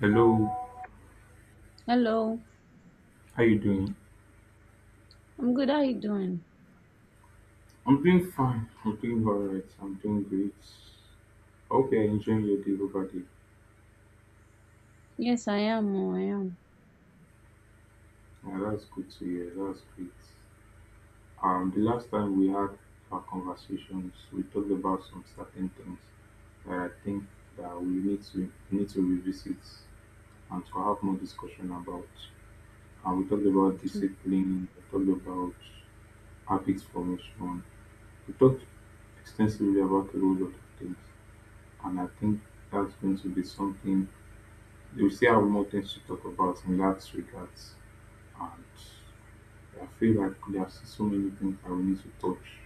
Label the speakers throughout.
Speaker 1: Hello,
Speaker 2: Hello,
Speaker 1: how you doing?
Speaker 2: I'm good. How you doing?
Speaker 1: I'm doing fine. I'm doing all right. I'm doing great. Hope you're enjoying your day over there.
Speaker 2: Yes, I am. Oh, I am.
Speaker 1: Yeah, that's good to hear. That's great. The last time we had our conversations, we talked about some certain things that I think that we need to revisit and to have more discussion about. And we talked about
Speaker 2: Okay.
Speaker 1: discipline. We talked about habit formation. We talked extensively about the role of the things. And I think that's going to be something we still have more things to talk about in that regards. And I feel like there are so many things that we need to touch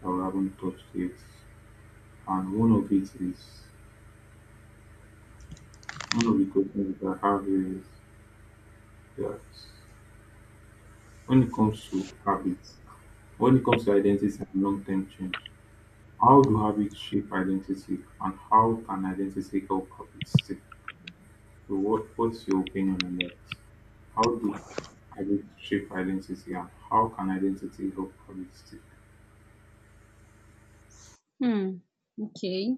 Speaker 1: that we haven't touched yet. And one of the questions that I have is that when it comes to habits, when it comes to identity and long term change, how do habits shape identity and how can identity help habits stay? So what's your opinion on that? How do identity shape identity and how can identity help identity?
Speaker 2: Hmm. Okay.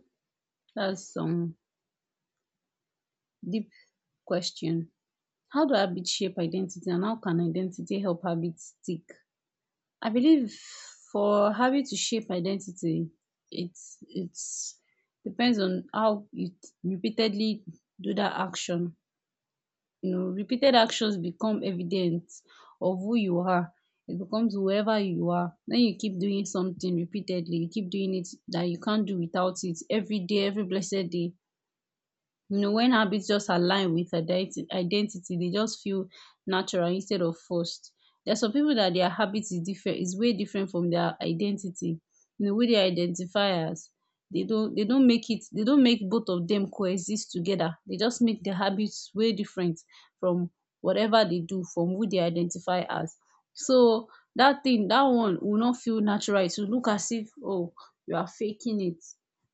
Speaker 2: That's some deep question. How do habits shape identity and how can identity help habits stick? I believe for habit to shape identity, it's depends on how you repeatedly do that action. You know, repeated actions become evidence of who you are. It becomes whoever you are. When you keep doing something repeatedly, you keep doing it that you can't do without it every day, every blessed day. You know, when habits just align with identity, they just feel natural instead of forced. There's some people that their habits is different, is way different from their identity, you know, who they identify as. They don't make both of them coexist together. They just make the habits way different from whatever they do, from who they identify as. So that thing, that one will not feel natural, it will look as if, oh, you are faking it.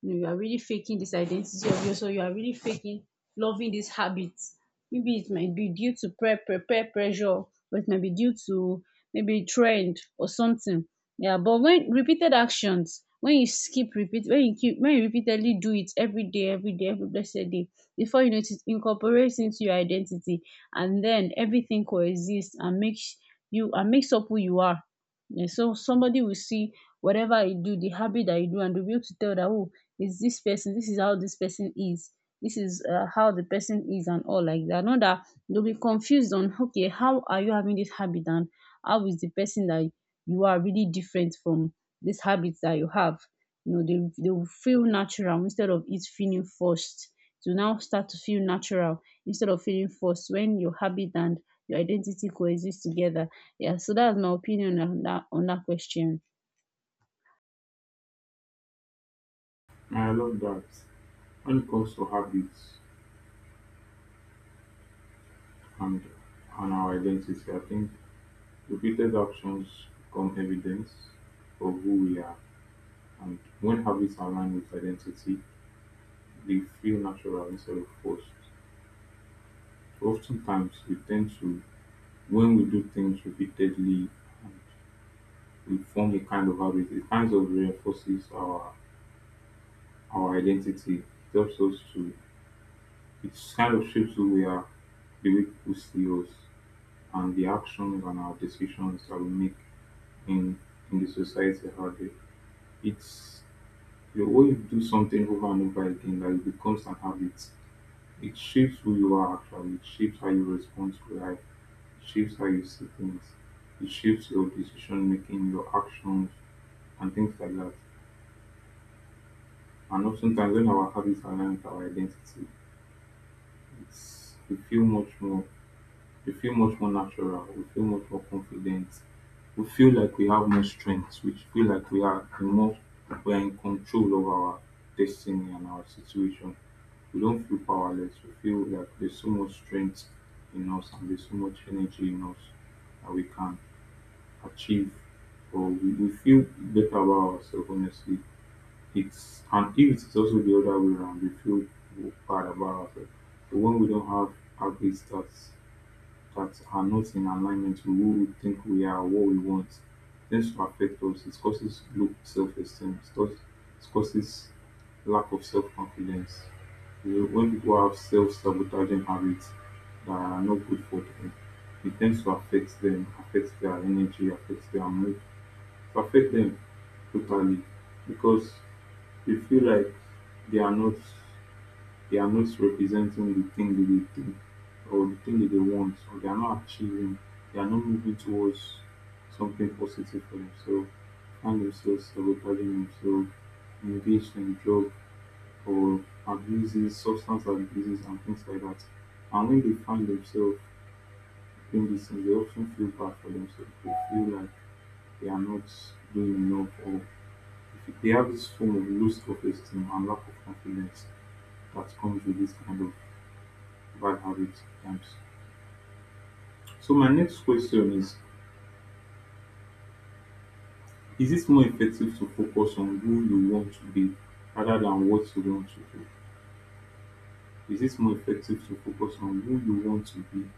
Speaker 2: You know, you are really faking this identity of yours, or you are really faking loving these habits. Maybe it might be due to peer pressure, or it might be due to maybe trend or something. Yeah, but when repeated actions, when you skip repeat, when you repeatedly do it every day, every day, every blessed day, before you know it, it incorporates into your identity, and then everything coexists and makes you and makes up who you are. Yeah, so somebody will see whatever you do, the habit that you do, and they'll be able to tell that, oh, is this person, this is how this person is, this is how the person is, and all like that. Not that they will be confused on, okay, how are you having this habit, and how is the person that you are really different from this habit that you have. You know, they will feel natural instead of it feeling forced, to now start to feel natural instead of feeling forced when your habit and your identity coexist together. Yeah, so that's my opinion on that, on that question.
Speaker 1: And I love that. When it comes to habits and and our identity, I think repeated actions become evidence of who we are. And when habits align with identity, they feel natural instead of forced. Oftentimes we tend to when we do things repeatedly and we form a kind of habit, it kind of reinforces our identity. It helps us to, it's kind of shapes who we are, the way people see us, and the actions and our decisions that we make in in the society around it. It's the way you do something over and over again that it becomes an habit. It shapes who you are actually, it shapes how you respond to life, it shapes how you see things, it shapes your decision making, your actions and things like that. And oftentimes when our habits align with our identity, it's we feel much more we feel much more natural, we feel much more confident, we feel like we have more strength, we feel like we are in control of our destiny and our situation. We don't feel powerless. We feel like there's so much strength in us and there's so much energy in us that we can achieve or we feel better about ourselves honestly. It's and if it's also the other way around, we feel bad about ourselves. But when we don't have our great starts that are not in alignment with who we think we are or what we want tends to affect us. It causes low self esteem, it causes lack of self confidence. When people have self sabotaging habits that are not good for them, it tends to affect them, affects their energy, affects their mood, it affects them totally because they feel like they are not they are not representing the thing that they think or the thing that they want, or they are not achieving, they are not moving towards something positive for themselves, find themselves sabotaging themselves, engaged in drug or abuses, substance abuses, and things like that. And when they find themselves doing this, things, they often feel bad for themselves. They feel like they are not doing enough, or they have this form of loss of esteem and lack of confidence that comes with this kind of by habit times. So my next question is it more effective to focus on who you want to be rather than what you want to do? Is it more effective to focus on who you want to be,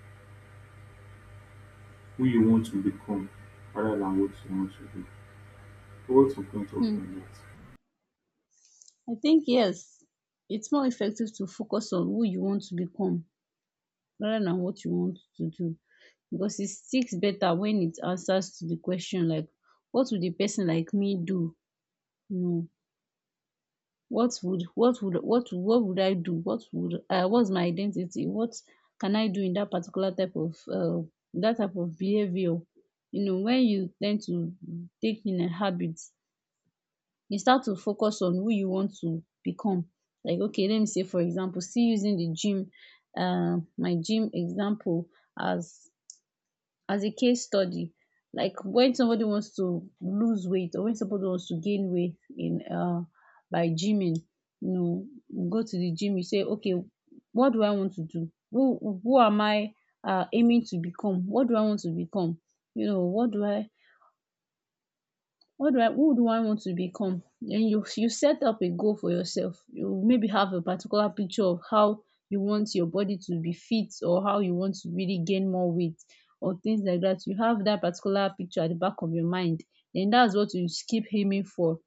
Speaker 1: who you want to become rather than what you want to do? What's your point of view
Speaker 2: hmm.
Speaker 1: on that?
Speaker 2: I think yes, it's more effective to focus on who you want to become rather than what you want to do, because it sticks better when it answers to the question like, what would a person like me do? You know, what would I do? What's my identity? What can I do in that particular type of behavior? You know, when you tend to take in a habit, you start to focus on who you want to become. Like, okay, let me say for example, still using the gym, my gym example as as a case study, like when somebody wants to lose weight or when somebody wants to gain weight in by gyming. You know, you go to the gym, you say, okay, what do I want to do, who am I aiming to become, what do I want to become? You know, what do I who do I want to become? And you set up a goal for yourself. You maybe have a particular picture of how you want your body to be fit, or how you want to really gain more weight, or things like that. You have that particular picture at the back of your mind, and that's what you keep aiming for.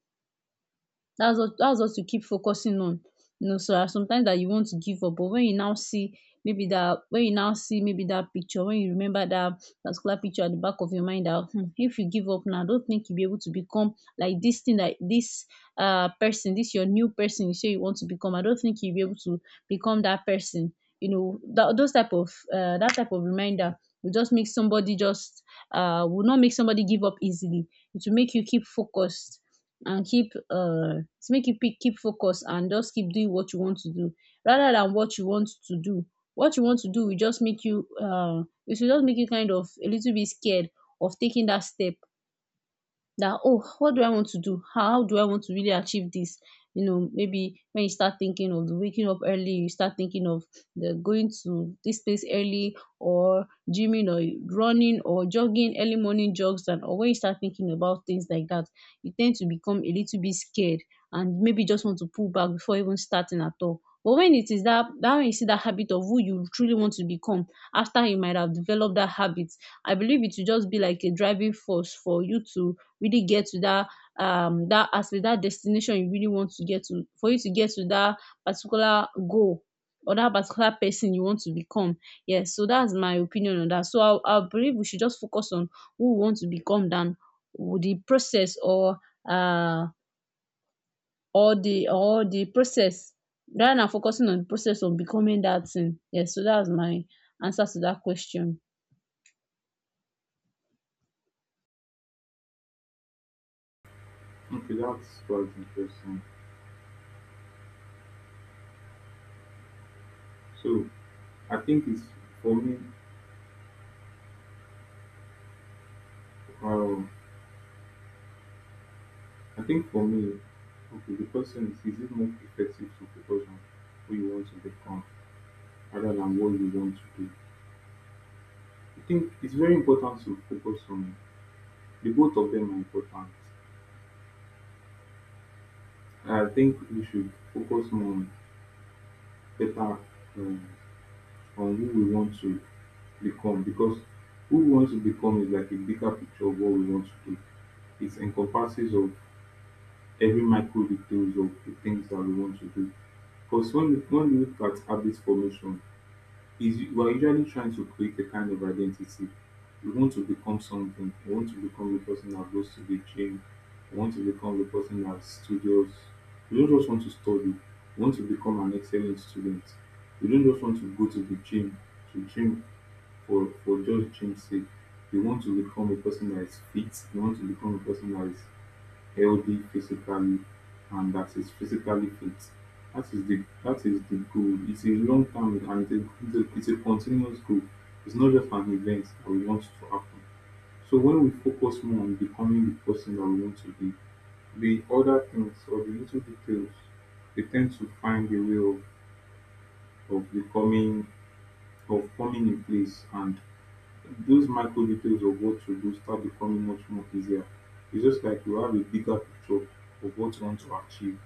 Speaker 2: That's what you keep focusing on. You know, so as sometimes that you want to give up, but when you now see, maybe that, picture, when you remember that particular picture at the back of your mind, that, if you give up now, I don't think you'll be able to become like this thing, that this person, this your new person you say you want to become, I don't think you'll be able to become that person. You know that, those type of reminder will just make somebody just will not make somebody give up easily. It will make you keep focused, and keep to make you pick keep focus, and just keep doing what you want to do rather than what you want to do. What you want to do will just make you, it will just make you kind of a little bit scared of taking that step, that, oh, what do I want to do, how do I want to really achieve this? You know, maybe when you start thinking of the waking up early, you start thinking of the going to this place early, or gymming or running or jogging early morning jogs and, or when you start thinking about things like that, you tend to become a little bit scared, and maybe just want to pull back before even starting at all. But when it is that when you see that habit of who you truly want to become, after you might have developed that habit, I believe it will just be like a driving force for you to really get to that, that aspect, that destination you really want to get to, for you to get to that particular goal, or that particular person you want to become. Yes, so that's my opinion on that. So I believe we should just focus on who we want to become than with the process, or uh or the process, rather than focusing on the process of becoming that thing. Yes, so that's my answer to that question.
Speaker 1: Okay, that's quite interesting. So I think for me, um, I think for me, okay, the question is it more effective to focus on who you want to become rather than what you want to do? I think it's very important to focus on the both of them are important. I think we should focus more on better um, on who we want to become because who we want to become is like a bigger picture of what we want to do. It encompasses of every micro details of the things that we want to do. Because when we look at habit formation, is you are usually trying to create a kind of identity. You want to become something. You want to become the person that goes to the gym. You want to become the person that studies. You don't just want to study. You want to become an excellent student. You don't just want to go to the gym to gym for just gym's sake. You want to become a person that is fit. You want to become a person that is healthy physically and that is physically fit. That is the goal. It's a long term and continuous goal. It's not just an event that we want to happen. So when we focus more on becoming the person that we want to be, the other things or the little details, they tend to find a way of becoming of coming in place and those micro details of what to do start becoming much more easier. It's just like you have a bigger picture of what you want to achieve.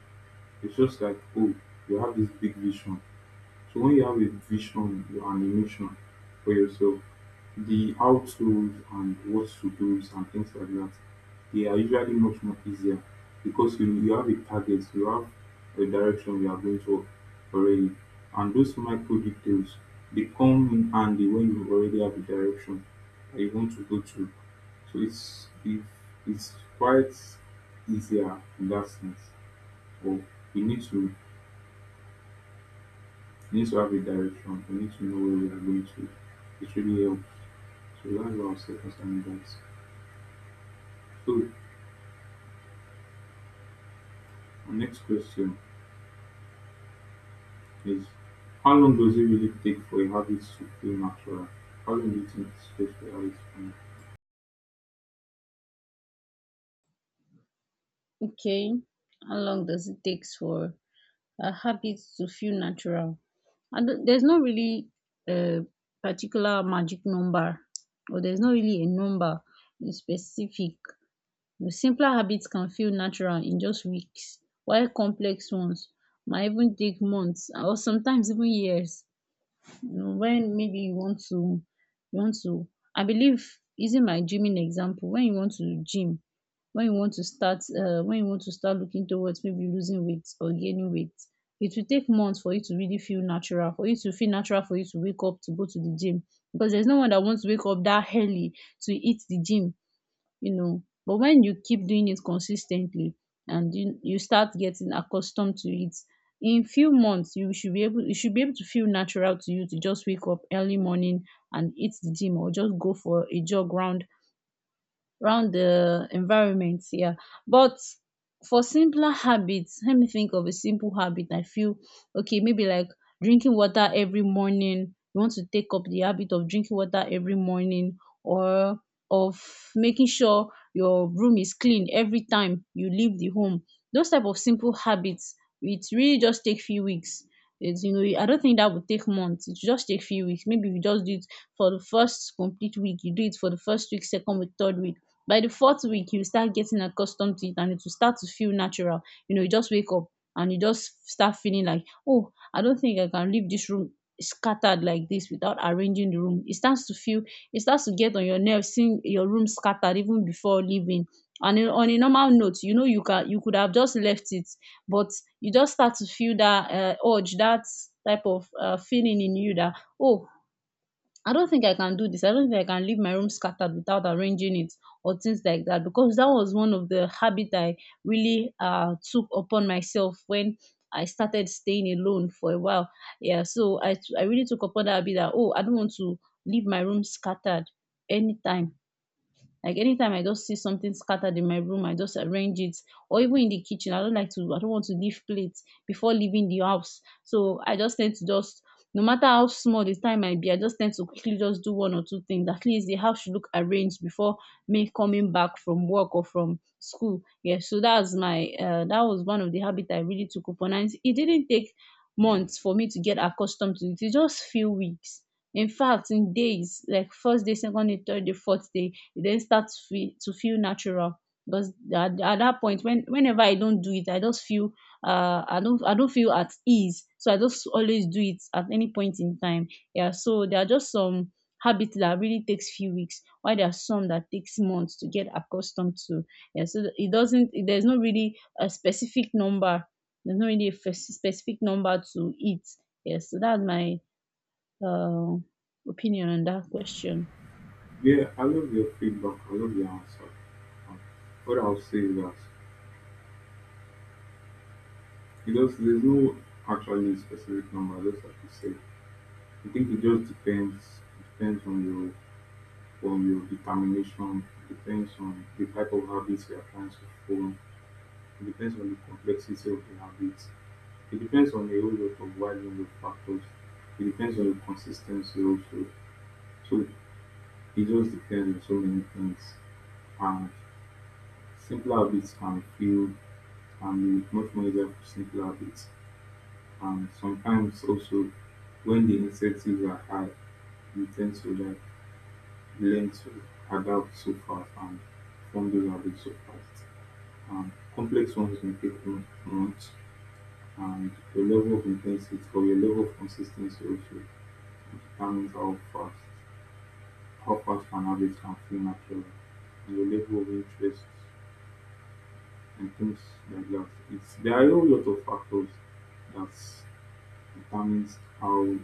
Speaker 1: It's just like, oh, you have this big vision. So when you have a vision and a mission for yourself, the how to's and what to do's and things like that, they are usually much more easier because you have a target, you have a direction you are going to already. And those micro details, they come in handy when you already have a direction that you want to go to. So it's quite easier in that sense. But you need to we need to have a direction. We need to know where we are going to. It really helps. So that's what I'll say concerning that. So our next question is how long does it really take for a habit to feel natural? How long do you think it takes for a habit to feel natural?
Speaker 2: Okay. How long does it take for habits to feel natural? And there's not really a particular magic number, or there's not really a number in specific. The simpler habits can feel natural in just weeks, while complex ones might even take months or sometimes even years. You know, when maybe you want to I believe, using my gymming example, when you want to gym, when you want to start looking towards maybe losing weight or gaining weight, it will take months for you to feel natural for you to wake up to go to the gym, because there's no one that wants to wake up that early to hit the gym. You know, but when you keep doing it consistently, and you start getting accustomed to it, in few months you should be able to feel natural to you to just wake up early morning and hit the gym, or just go for a jog round, around the environment. Yeah. But for simpler habits, let me think of a simple habit, I feel, okay, maybe like drinking water every morning. You want to take up the habit of drinking water every morning, or of making sure your room is clean every time you leave the home. Those type of simple habits, it really just take few weeks. It's, you know, I don't think that would take months, it just take few weeks. Maybe you just do it for the first complete week, you do it for the first week, second week, third week, by the fourth week you start getting accustomed to it and it will start to feel natural. You know, you just wake up and you just start feeling like, oh, I don't think I can leave this room scattered like this without arranging the room. It starts to feel, it starts to get on your nerves, seeing your room scattered even before leaving, and on a normal note, you know, you could have just left it. But you just start to feel that urge, that type of feeling in you, that, oh, I don't think I can do this. I don't think I can leave my room scattered without arranging it, or things like that. Because that was one of the habit I really took upon myself when I started staying alone for a while. Yeah, so I really took upon that habit that, oh, I don't want to leave my room scattered anytime. Like anytime I just see something scattered in my room, I just arrange it. Or even in the kitchen, I don't like to, I don't want to leave plates before leaving the house. So I just tend to just, no matter how small the time might be, I just tend to quickly just do one or two things. At least the house should look arranged before me coming back from work or from school. Yeah, so that was one of the habit I really took upon. And it didn't take months for me to get accustomed to it. It just few weeks. In fact, in days, like first day, second day, third day, fourth day, e den start to feel natural because at that point when whenever I don't do it I just feel I don't feel at ease, so I just always do it at any point in time. Yeah, so there are just some habits that really takes few weeks, while there are some that takes months to get accustomed to. Yeah, so it doesn't there's no really a specific number, there's no really a specific number to it. Yes, so that's my um opinion on that question.
Speaker 1: Yeah, I love your feedback. I love your answer. Um, What I'll say is that it does, there's no actually specific number, just like you said. I think it depends on your determination, it depends on the type of habits you are trying to form. It depends on the complexity of the habits. It depends on a whole lot of wide range of factors. It depends on the consistency also. So it just depends on so many things. And simpler habits can feel can be much more easier for simpler habits. And sometimes also when the incentives are high, you tend to like learn to adapt so fast and form those habits so fast. And complex ones may take months. And your level of intensity or your level of consistency also determines how fast an habit can feel natural and your level of interest and things like that. It's there are a whole lot of factors that determines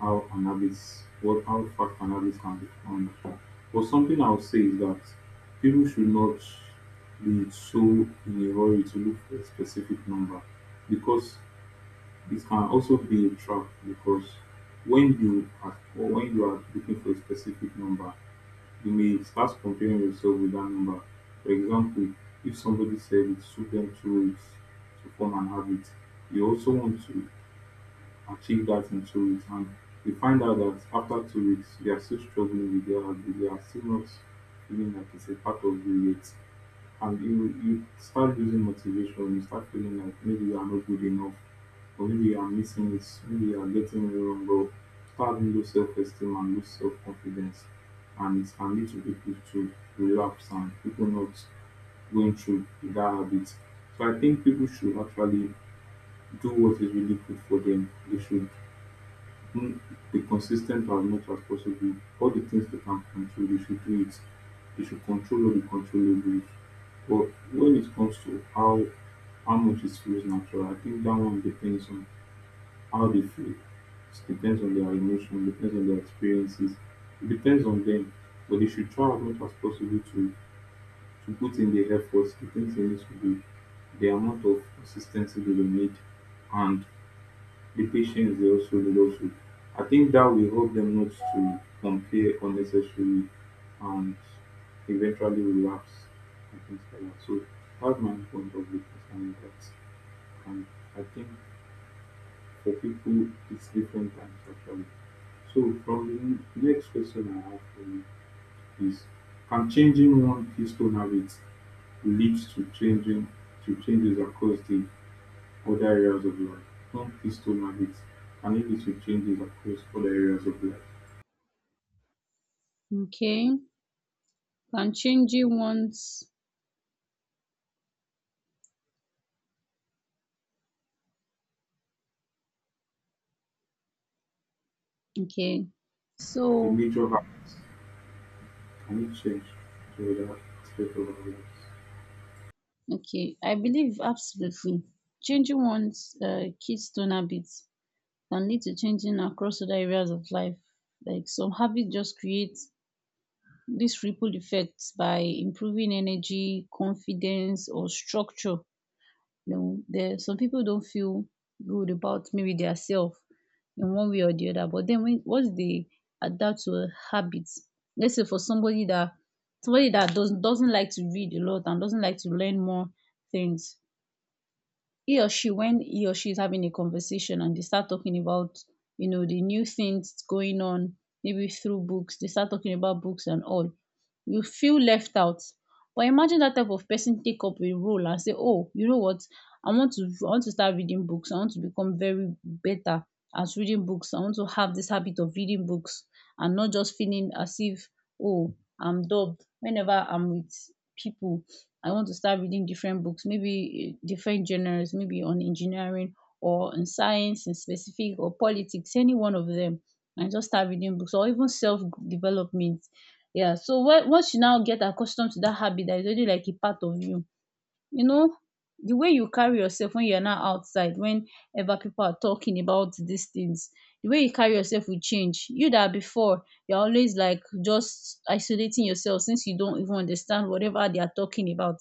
Speaker 1: how an habit what how fast an habit can become natural. But something I would say is that people should not be so in a hurry to look for a specific number because it can also be a trap because when you are looking for a specific number, you may start comparing yourself with that number. For example, if somebody said it took them 2 weeks to form an habit, you also want to achieve that in 2 weeks, and you find out that after 2 weeks, they are still struggling with their habit, they are still not feeling like it's a part of you yet and you start losing motivation. You start feeling like maybe you are not good enough, or maybe you are missing it, maybe you are getting it wrong, or start having low self esteem and low self confidence, and it can lead to people to relapse and people not going through that habit. So I think people should actually do what is really good for them. They should Mm, be consistent as much as possible. All the things they can control, they should do it. They should control all the controllables. But when it comes to how much it feels natural, I think that one depends on how they feel. It depends on their emotion, depends on their experiences. It depends on them. But they should try as much as possible to put in the efforts, the things they need to do, the amount of consistency they will need and the patients they also the also, I think that will help them not to compare unnecessarily and eventually relapse and things like that. So that's my point of view concerning that. And I think for people it's different times actually. So from the next question I have for you is, can changing one keystone habit leads to changing to changes across the other areas of life? Hence this tone and beat. Can it lead to changes across other areas of life?
Speaker 2: Okay. Can changing one's okay
Speaker 1: Like a
Speaker 2: so
Speaker 1: major artist, can it change to other aspects of our lives?
Speaker 2: Okay, I believe absolutely changing one's keystone habits can lead to changing across other areas of life. Like some habits just create this ripple effect by improving energy, confidence, or structure. No, there some people don't feel good about maybe their self in one way or the other. But then when once they adapt to a habit, let's say for somebody that doesn't like to read a lot and doesn't like to learn more things, he or she when he or she is having a conversation and they start talking about, you know, the new things going on, maybe through books, they start talking about books and all, you feel left out. But imagine that type of person take up a role and say, oh, you know what, I want to start reading books, I want to become very better at reading books, I want to have this habit of reading books and not just feeling as if, oh, I'm dubbed whenever I'm with people. I want to start reading different books, maybe different genres, maybe on engineering or in science in specific or politics, any one of them, and just start reading books or even self development. Yeah, so once you now get accustomed to that habit that is already like a part of you, you know, the way you carry yourself when you're now outside whenever people are talking about these things, the way you carry yourself will change. You that before you're always like just isolating yourself since you don't even understand whatever they are talking about,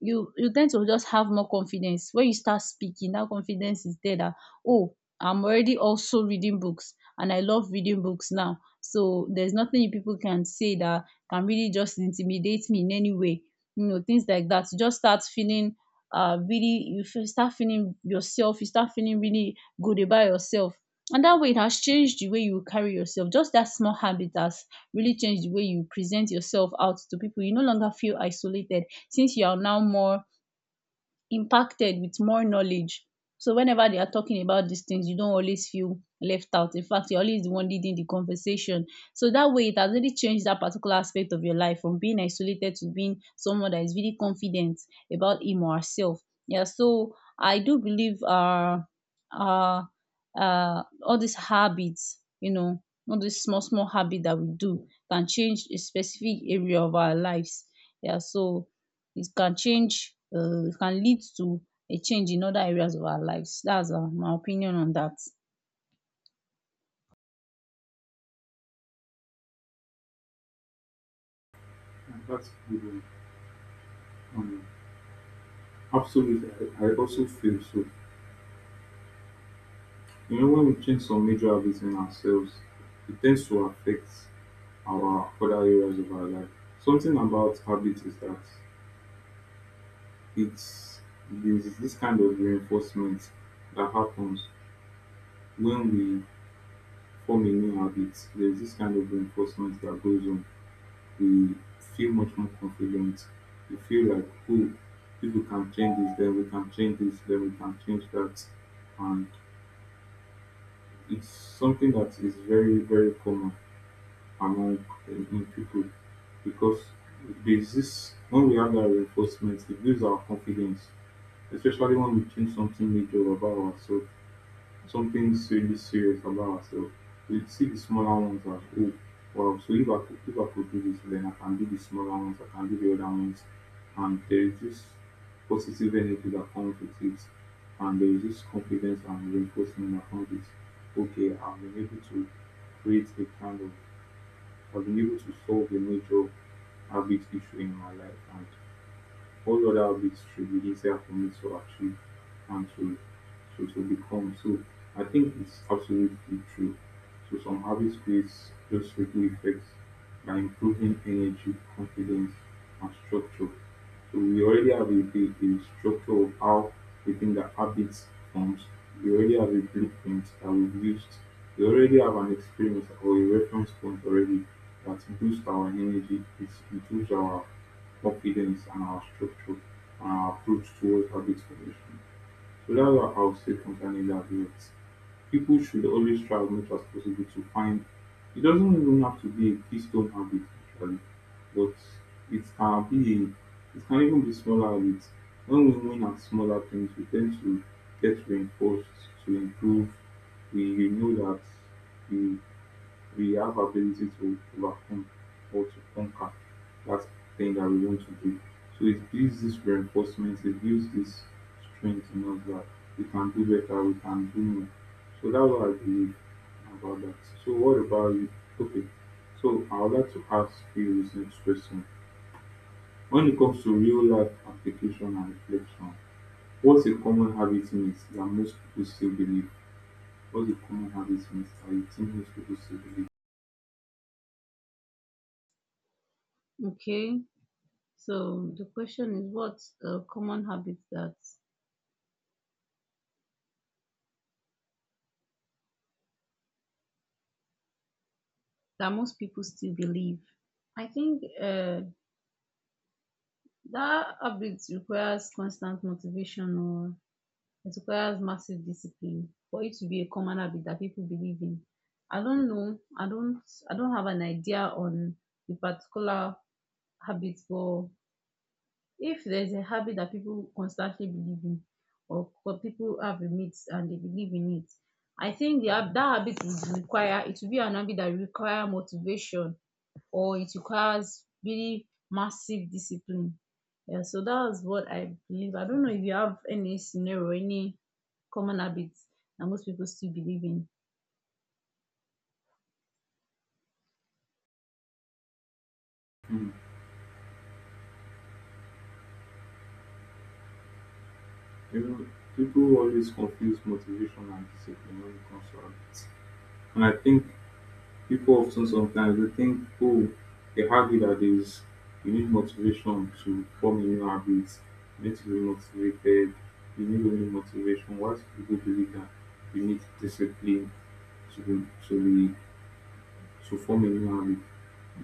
Speaker 2: you tend to just have more confidence. When you start speaking, that confidence is there, that oh, I'm already also reading books and I love reading books now, so there's nothing you people can say that can really just intimidate me in any way, you know, things like that. You just start feeling start feeling yourself, you start feeling really good about yourself. And that way, it has changed the way you carry yourself. Just that small habit has really changed the way you present yourself out to people. You no longer feel isolated since you are now more impacted with more knowledge. So whenever they are talking about these things, you don't always feel left out. In fact, you're always the one leading the conversation. So that way, it has really changed that particular aspect of your life from being isolated to being someone that is really confident about him or herself. Yeah. So I do believe uh all these habits, you know, all these small small habits that we do can change a specific area of our lives. Yeah. So it can lead to a change in other areas of our lives. That's my opinion on that.
Speaker 1: And that's a good one. Um, absolutely, I also feel so. You know, when we change some major habits in ourselves, it tends to affect our other areas of our life. Something about habit is that it's there's this kind of reinforcement that happens when we form a new habit, there's this kind of reinforcement that goes on. We feel much more confident. We feel like, oh, if we can change this, then we can change this, then we can change that. And it's something that is very, very common among in people, because there's this when we have that reinforcement, it builds our confidence, especially when we change something major about ourselves. Something really serious about ourselves. We see the smaller ones as, oh, well, so if I could do this then I can do the smaller ones, I can do the other ones, and there is this positive energy that comes with it, and there is this confidence and reinforcement that comes with, okay, I've been able to create a kind of I've been able to solve a major habit issue in my life, and all other weeks should be easier for me to achieve and to to become. So I think it's absolutely true. So some habits creates those ripple effects by improving energy, confidence, and structure. So we already have a structure of how we think that habits forms. We already have a blueprint that we've used. We already have an experience or a reference point already that boosts our energy, it improves our confidence and our structure and our approach towards habit formation. So that's what I'll say concerning that note. People should always try as much as possible to find it doesn't even have to be a keystone habit actually, but it can be it can even be smaller habits. When we win at smaller things we tend to get reinforced to improve. We know that we we have ability to overcome or to conquer that thing that we want to do. So it gives this reinforcement, it gives this strength in us that we can do better, we can do more. So that's what I believe about that. So what about you? Okay. So I would like to ask you this next question. When it comes to real life application and reflection, what's a common habit myth that most people still believe? What's a common habit myth that you think most people still believe?
Speaker 2: Okay, so the question is what common habits that most people still believe? I think that habit requires constant motivation or it requires massive discipline for it to be a common habit that people believe in. I don't know. I don't. I don't have an idea on the particular habits, but if there's a habit that people constantly believe in, or people have a myth and they believe in it, I think the hab that habit would require, it will be an habit that require motivation or it requires really massive discipline. Yeah, so that's what I believe. I don't know if you have any scenario, any common habits that most people still believe in.
Speaker 1: Hmm. You know, people always confuse motivation and discipline when it comes to habits. And I think people often sometimes they think, oh, a habit that is you need motivation to form a new habit, you need to be motivated, you need only motivation. Whilst people believe that you need discipline to be to be to form a new habit.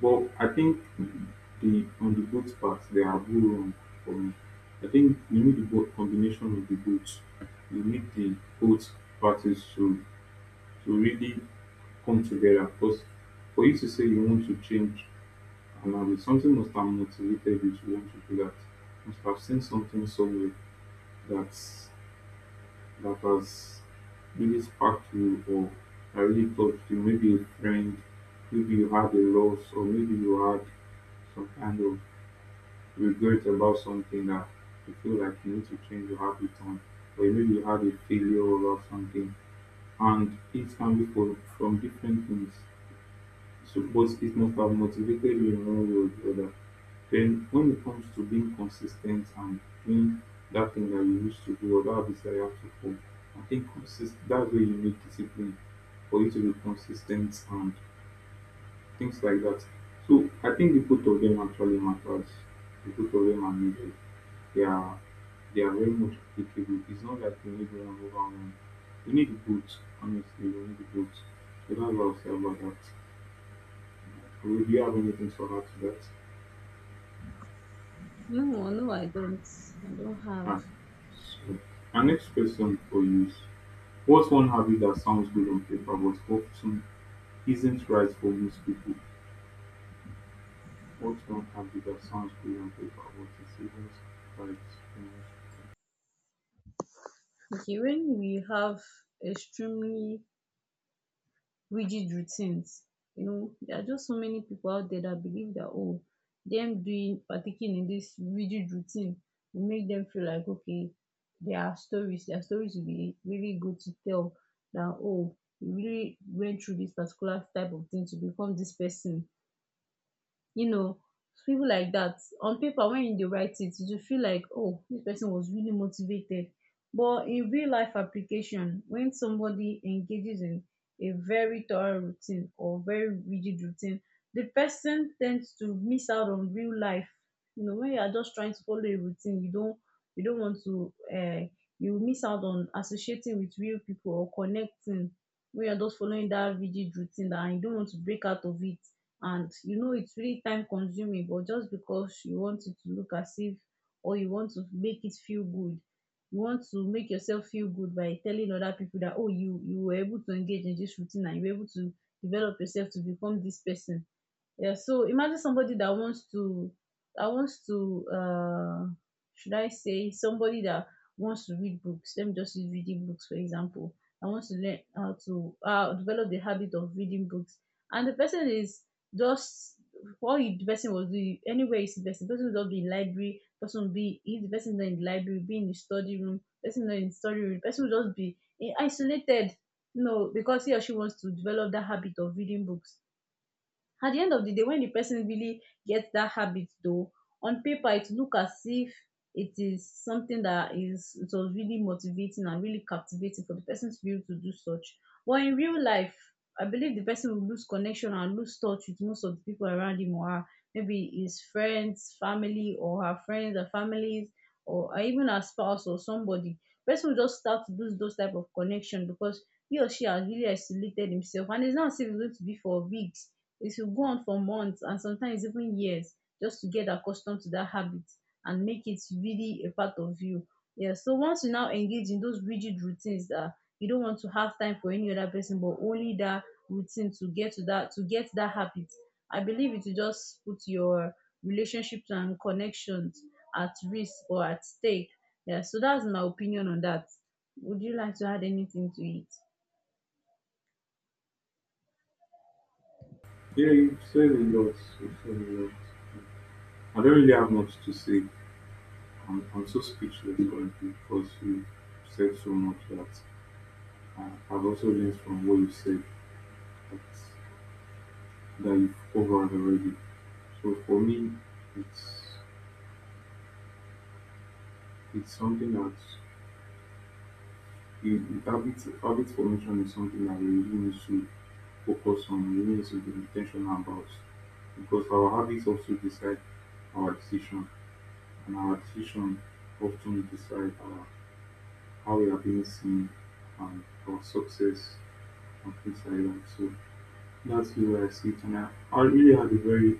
Speaker 1: But I think the on the both part they are both wrong for me. I think you need the both combination of the both. You need the both parties to really come together. Because for you to say you want to change and now it's something must have motivated you to want to do that. Must have seen something somewhere that's that has really sparked you or that really touched you. Maybe a friend, maybe you had a loss or maybe you had some kind of regret about something that you feel like you need to change your habit on, or maybe you had a failure about something, and it can be for, from different things. Suppose it must have motivated you in one way or the other. Then, when it comes to being consistent and doing that thing that you used to do or that habit that you have to form, I think that's where you need discipline for you to be consistent and things like that. So, I think the both of them actually matters. The both of them are needed. Yeah. They are very much applicable. It's not like you need one over one. You need both, honestly. You need both. So that's what I'll say about that. Do you have anything to add to that?
Speaker 2: No, no, I don't. I don't have.
Speaker 1: Ah, so, our
Speaker 2: But
Speaker 1: next question for you is, what's one habit that sounds good on paper but often isn't right for most people? What's one habit that sounds good on paper but it isn't right for most
Speaker 2: okay, when we have extremely rigid routines. You know, there are just so many people out there that believe that, oh, them doing partaking in this rigid routine will make them feel like, okay, their stories will be really good to tell, that oh, you really went through this particular type of thing to become this person, you know, people like that. On paper, when you dey write it, you feel like, oh, this person was really motivated. But in real life application, when somebody engages in a very thorough routine or very rigid routine, the person tends to miss out on real life. You know, when you are just trying to follow a routine, you don't want to you miss out on associating with real people or connecting when you're just following that rigid routine that you don't want to break out of it. And you know it's really time consuming, but just because you want it to look as if, or you want to make it feel good, you want to make yourself feel good by telling other people that oh, you were able to engage in this routine and you were able to develop yourself to become this person. Yeah, so imagine somebody that wants to, that wants to uh should I say somebody that wants to read books. Let me just use reading books for example. I wants to learn how to develop the habit of reading books. And the person is just the person will do anywhere is the person. The person will just be in library, person will be, if the person is not in the library, be in the study room, person not in the study room, person will just be in isolated. No, because he or she wants to develop that habit of reading books. At the end of the day, when the person really gets that habit, though on paper it look as if it is something that is it was really motivating and really captivating for the person to be able to do such, but in real life I believe the person will lose connection and lose touch with most of the people around him or her, maybe his friends family or her friends and families or even her spouse or somebody. Person will just start to lose those type of connection because he or she has really isolated himself. And it's not as if it's going to be for weeks, it will go on for months and sometimes even years, just to get accustomed to that habit and make it really a part of you. Yeah. So once you now engage in those rigid routines that you don't want to have time for any other person, but only that routine to get that habit, I believe it will just put your relationships and connections at risk or at stake. Yeah. So that's my opinion on that. Would you like to add anything to it?
Speaker 1: people? Yeah, you said a lot. You said a lot. I don't really have much to say. I'm so speechless currently because you said so much that I've also learned from what you said that, that you've covered already. So for me, it's it's something that it, habit formation is something that we really need to focus on. We really need to be intentional about because our habits also decide our decision, and our decision often decide our, how we are being seen and our success and things like that. So that's where I sit, and I really had a very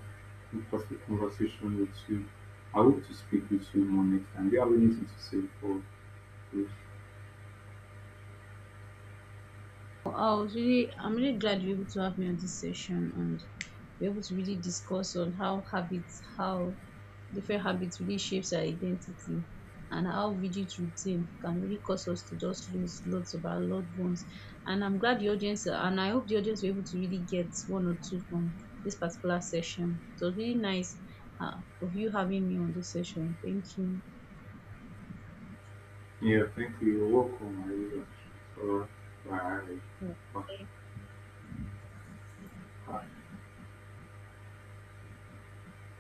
Speaker 1: interesting conversation with you. I hope to speak with you more next time. Do you have anything to say before we close?
Speaker 2: I was really, I'm really glad you're able to have me on this session and we're able to really discuss on how habits, how different habits really shapes our identity and how rigid routine can really cause us to just lose lots of our loved ones. And I'm glad the audience, and I hope the audience were able to really get one or two from this particular session. It was really nice of you having me on this session. Thank you.
Speaker 1: Yeah, thank you. You're welcome. I really appreciate it. All right.
Speaker 2: Mm.
Speaker 1: Bye. Bye.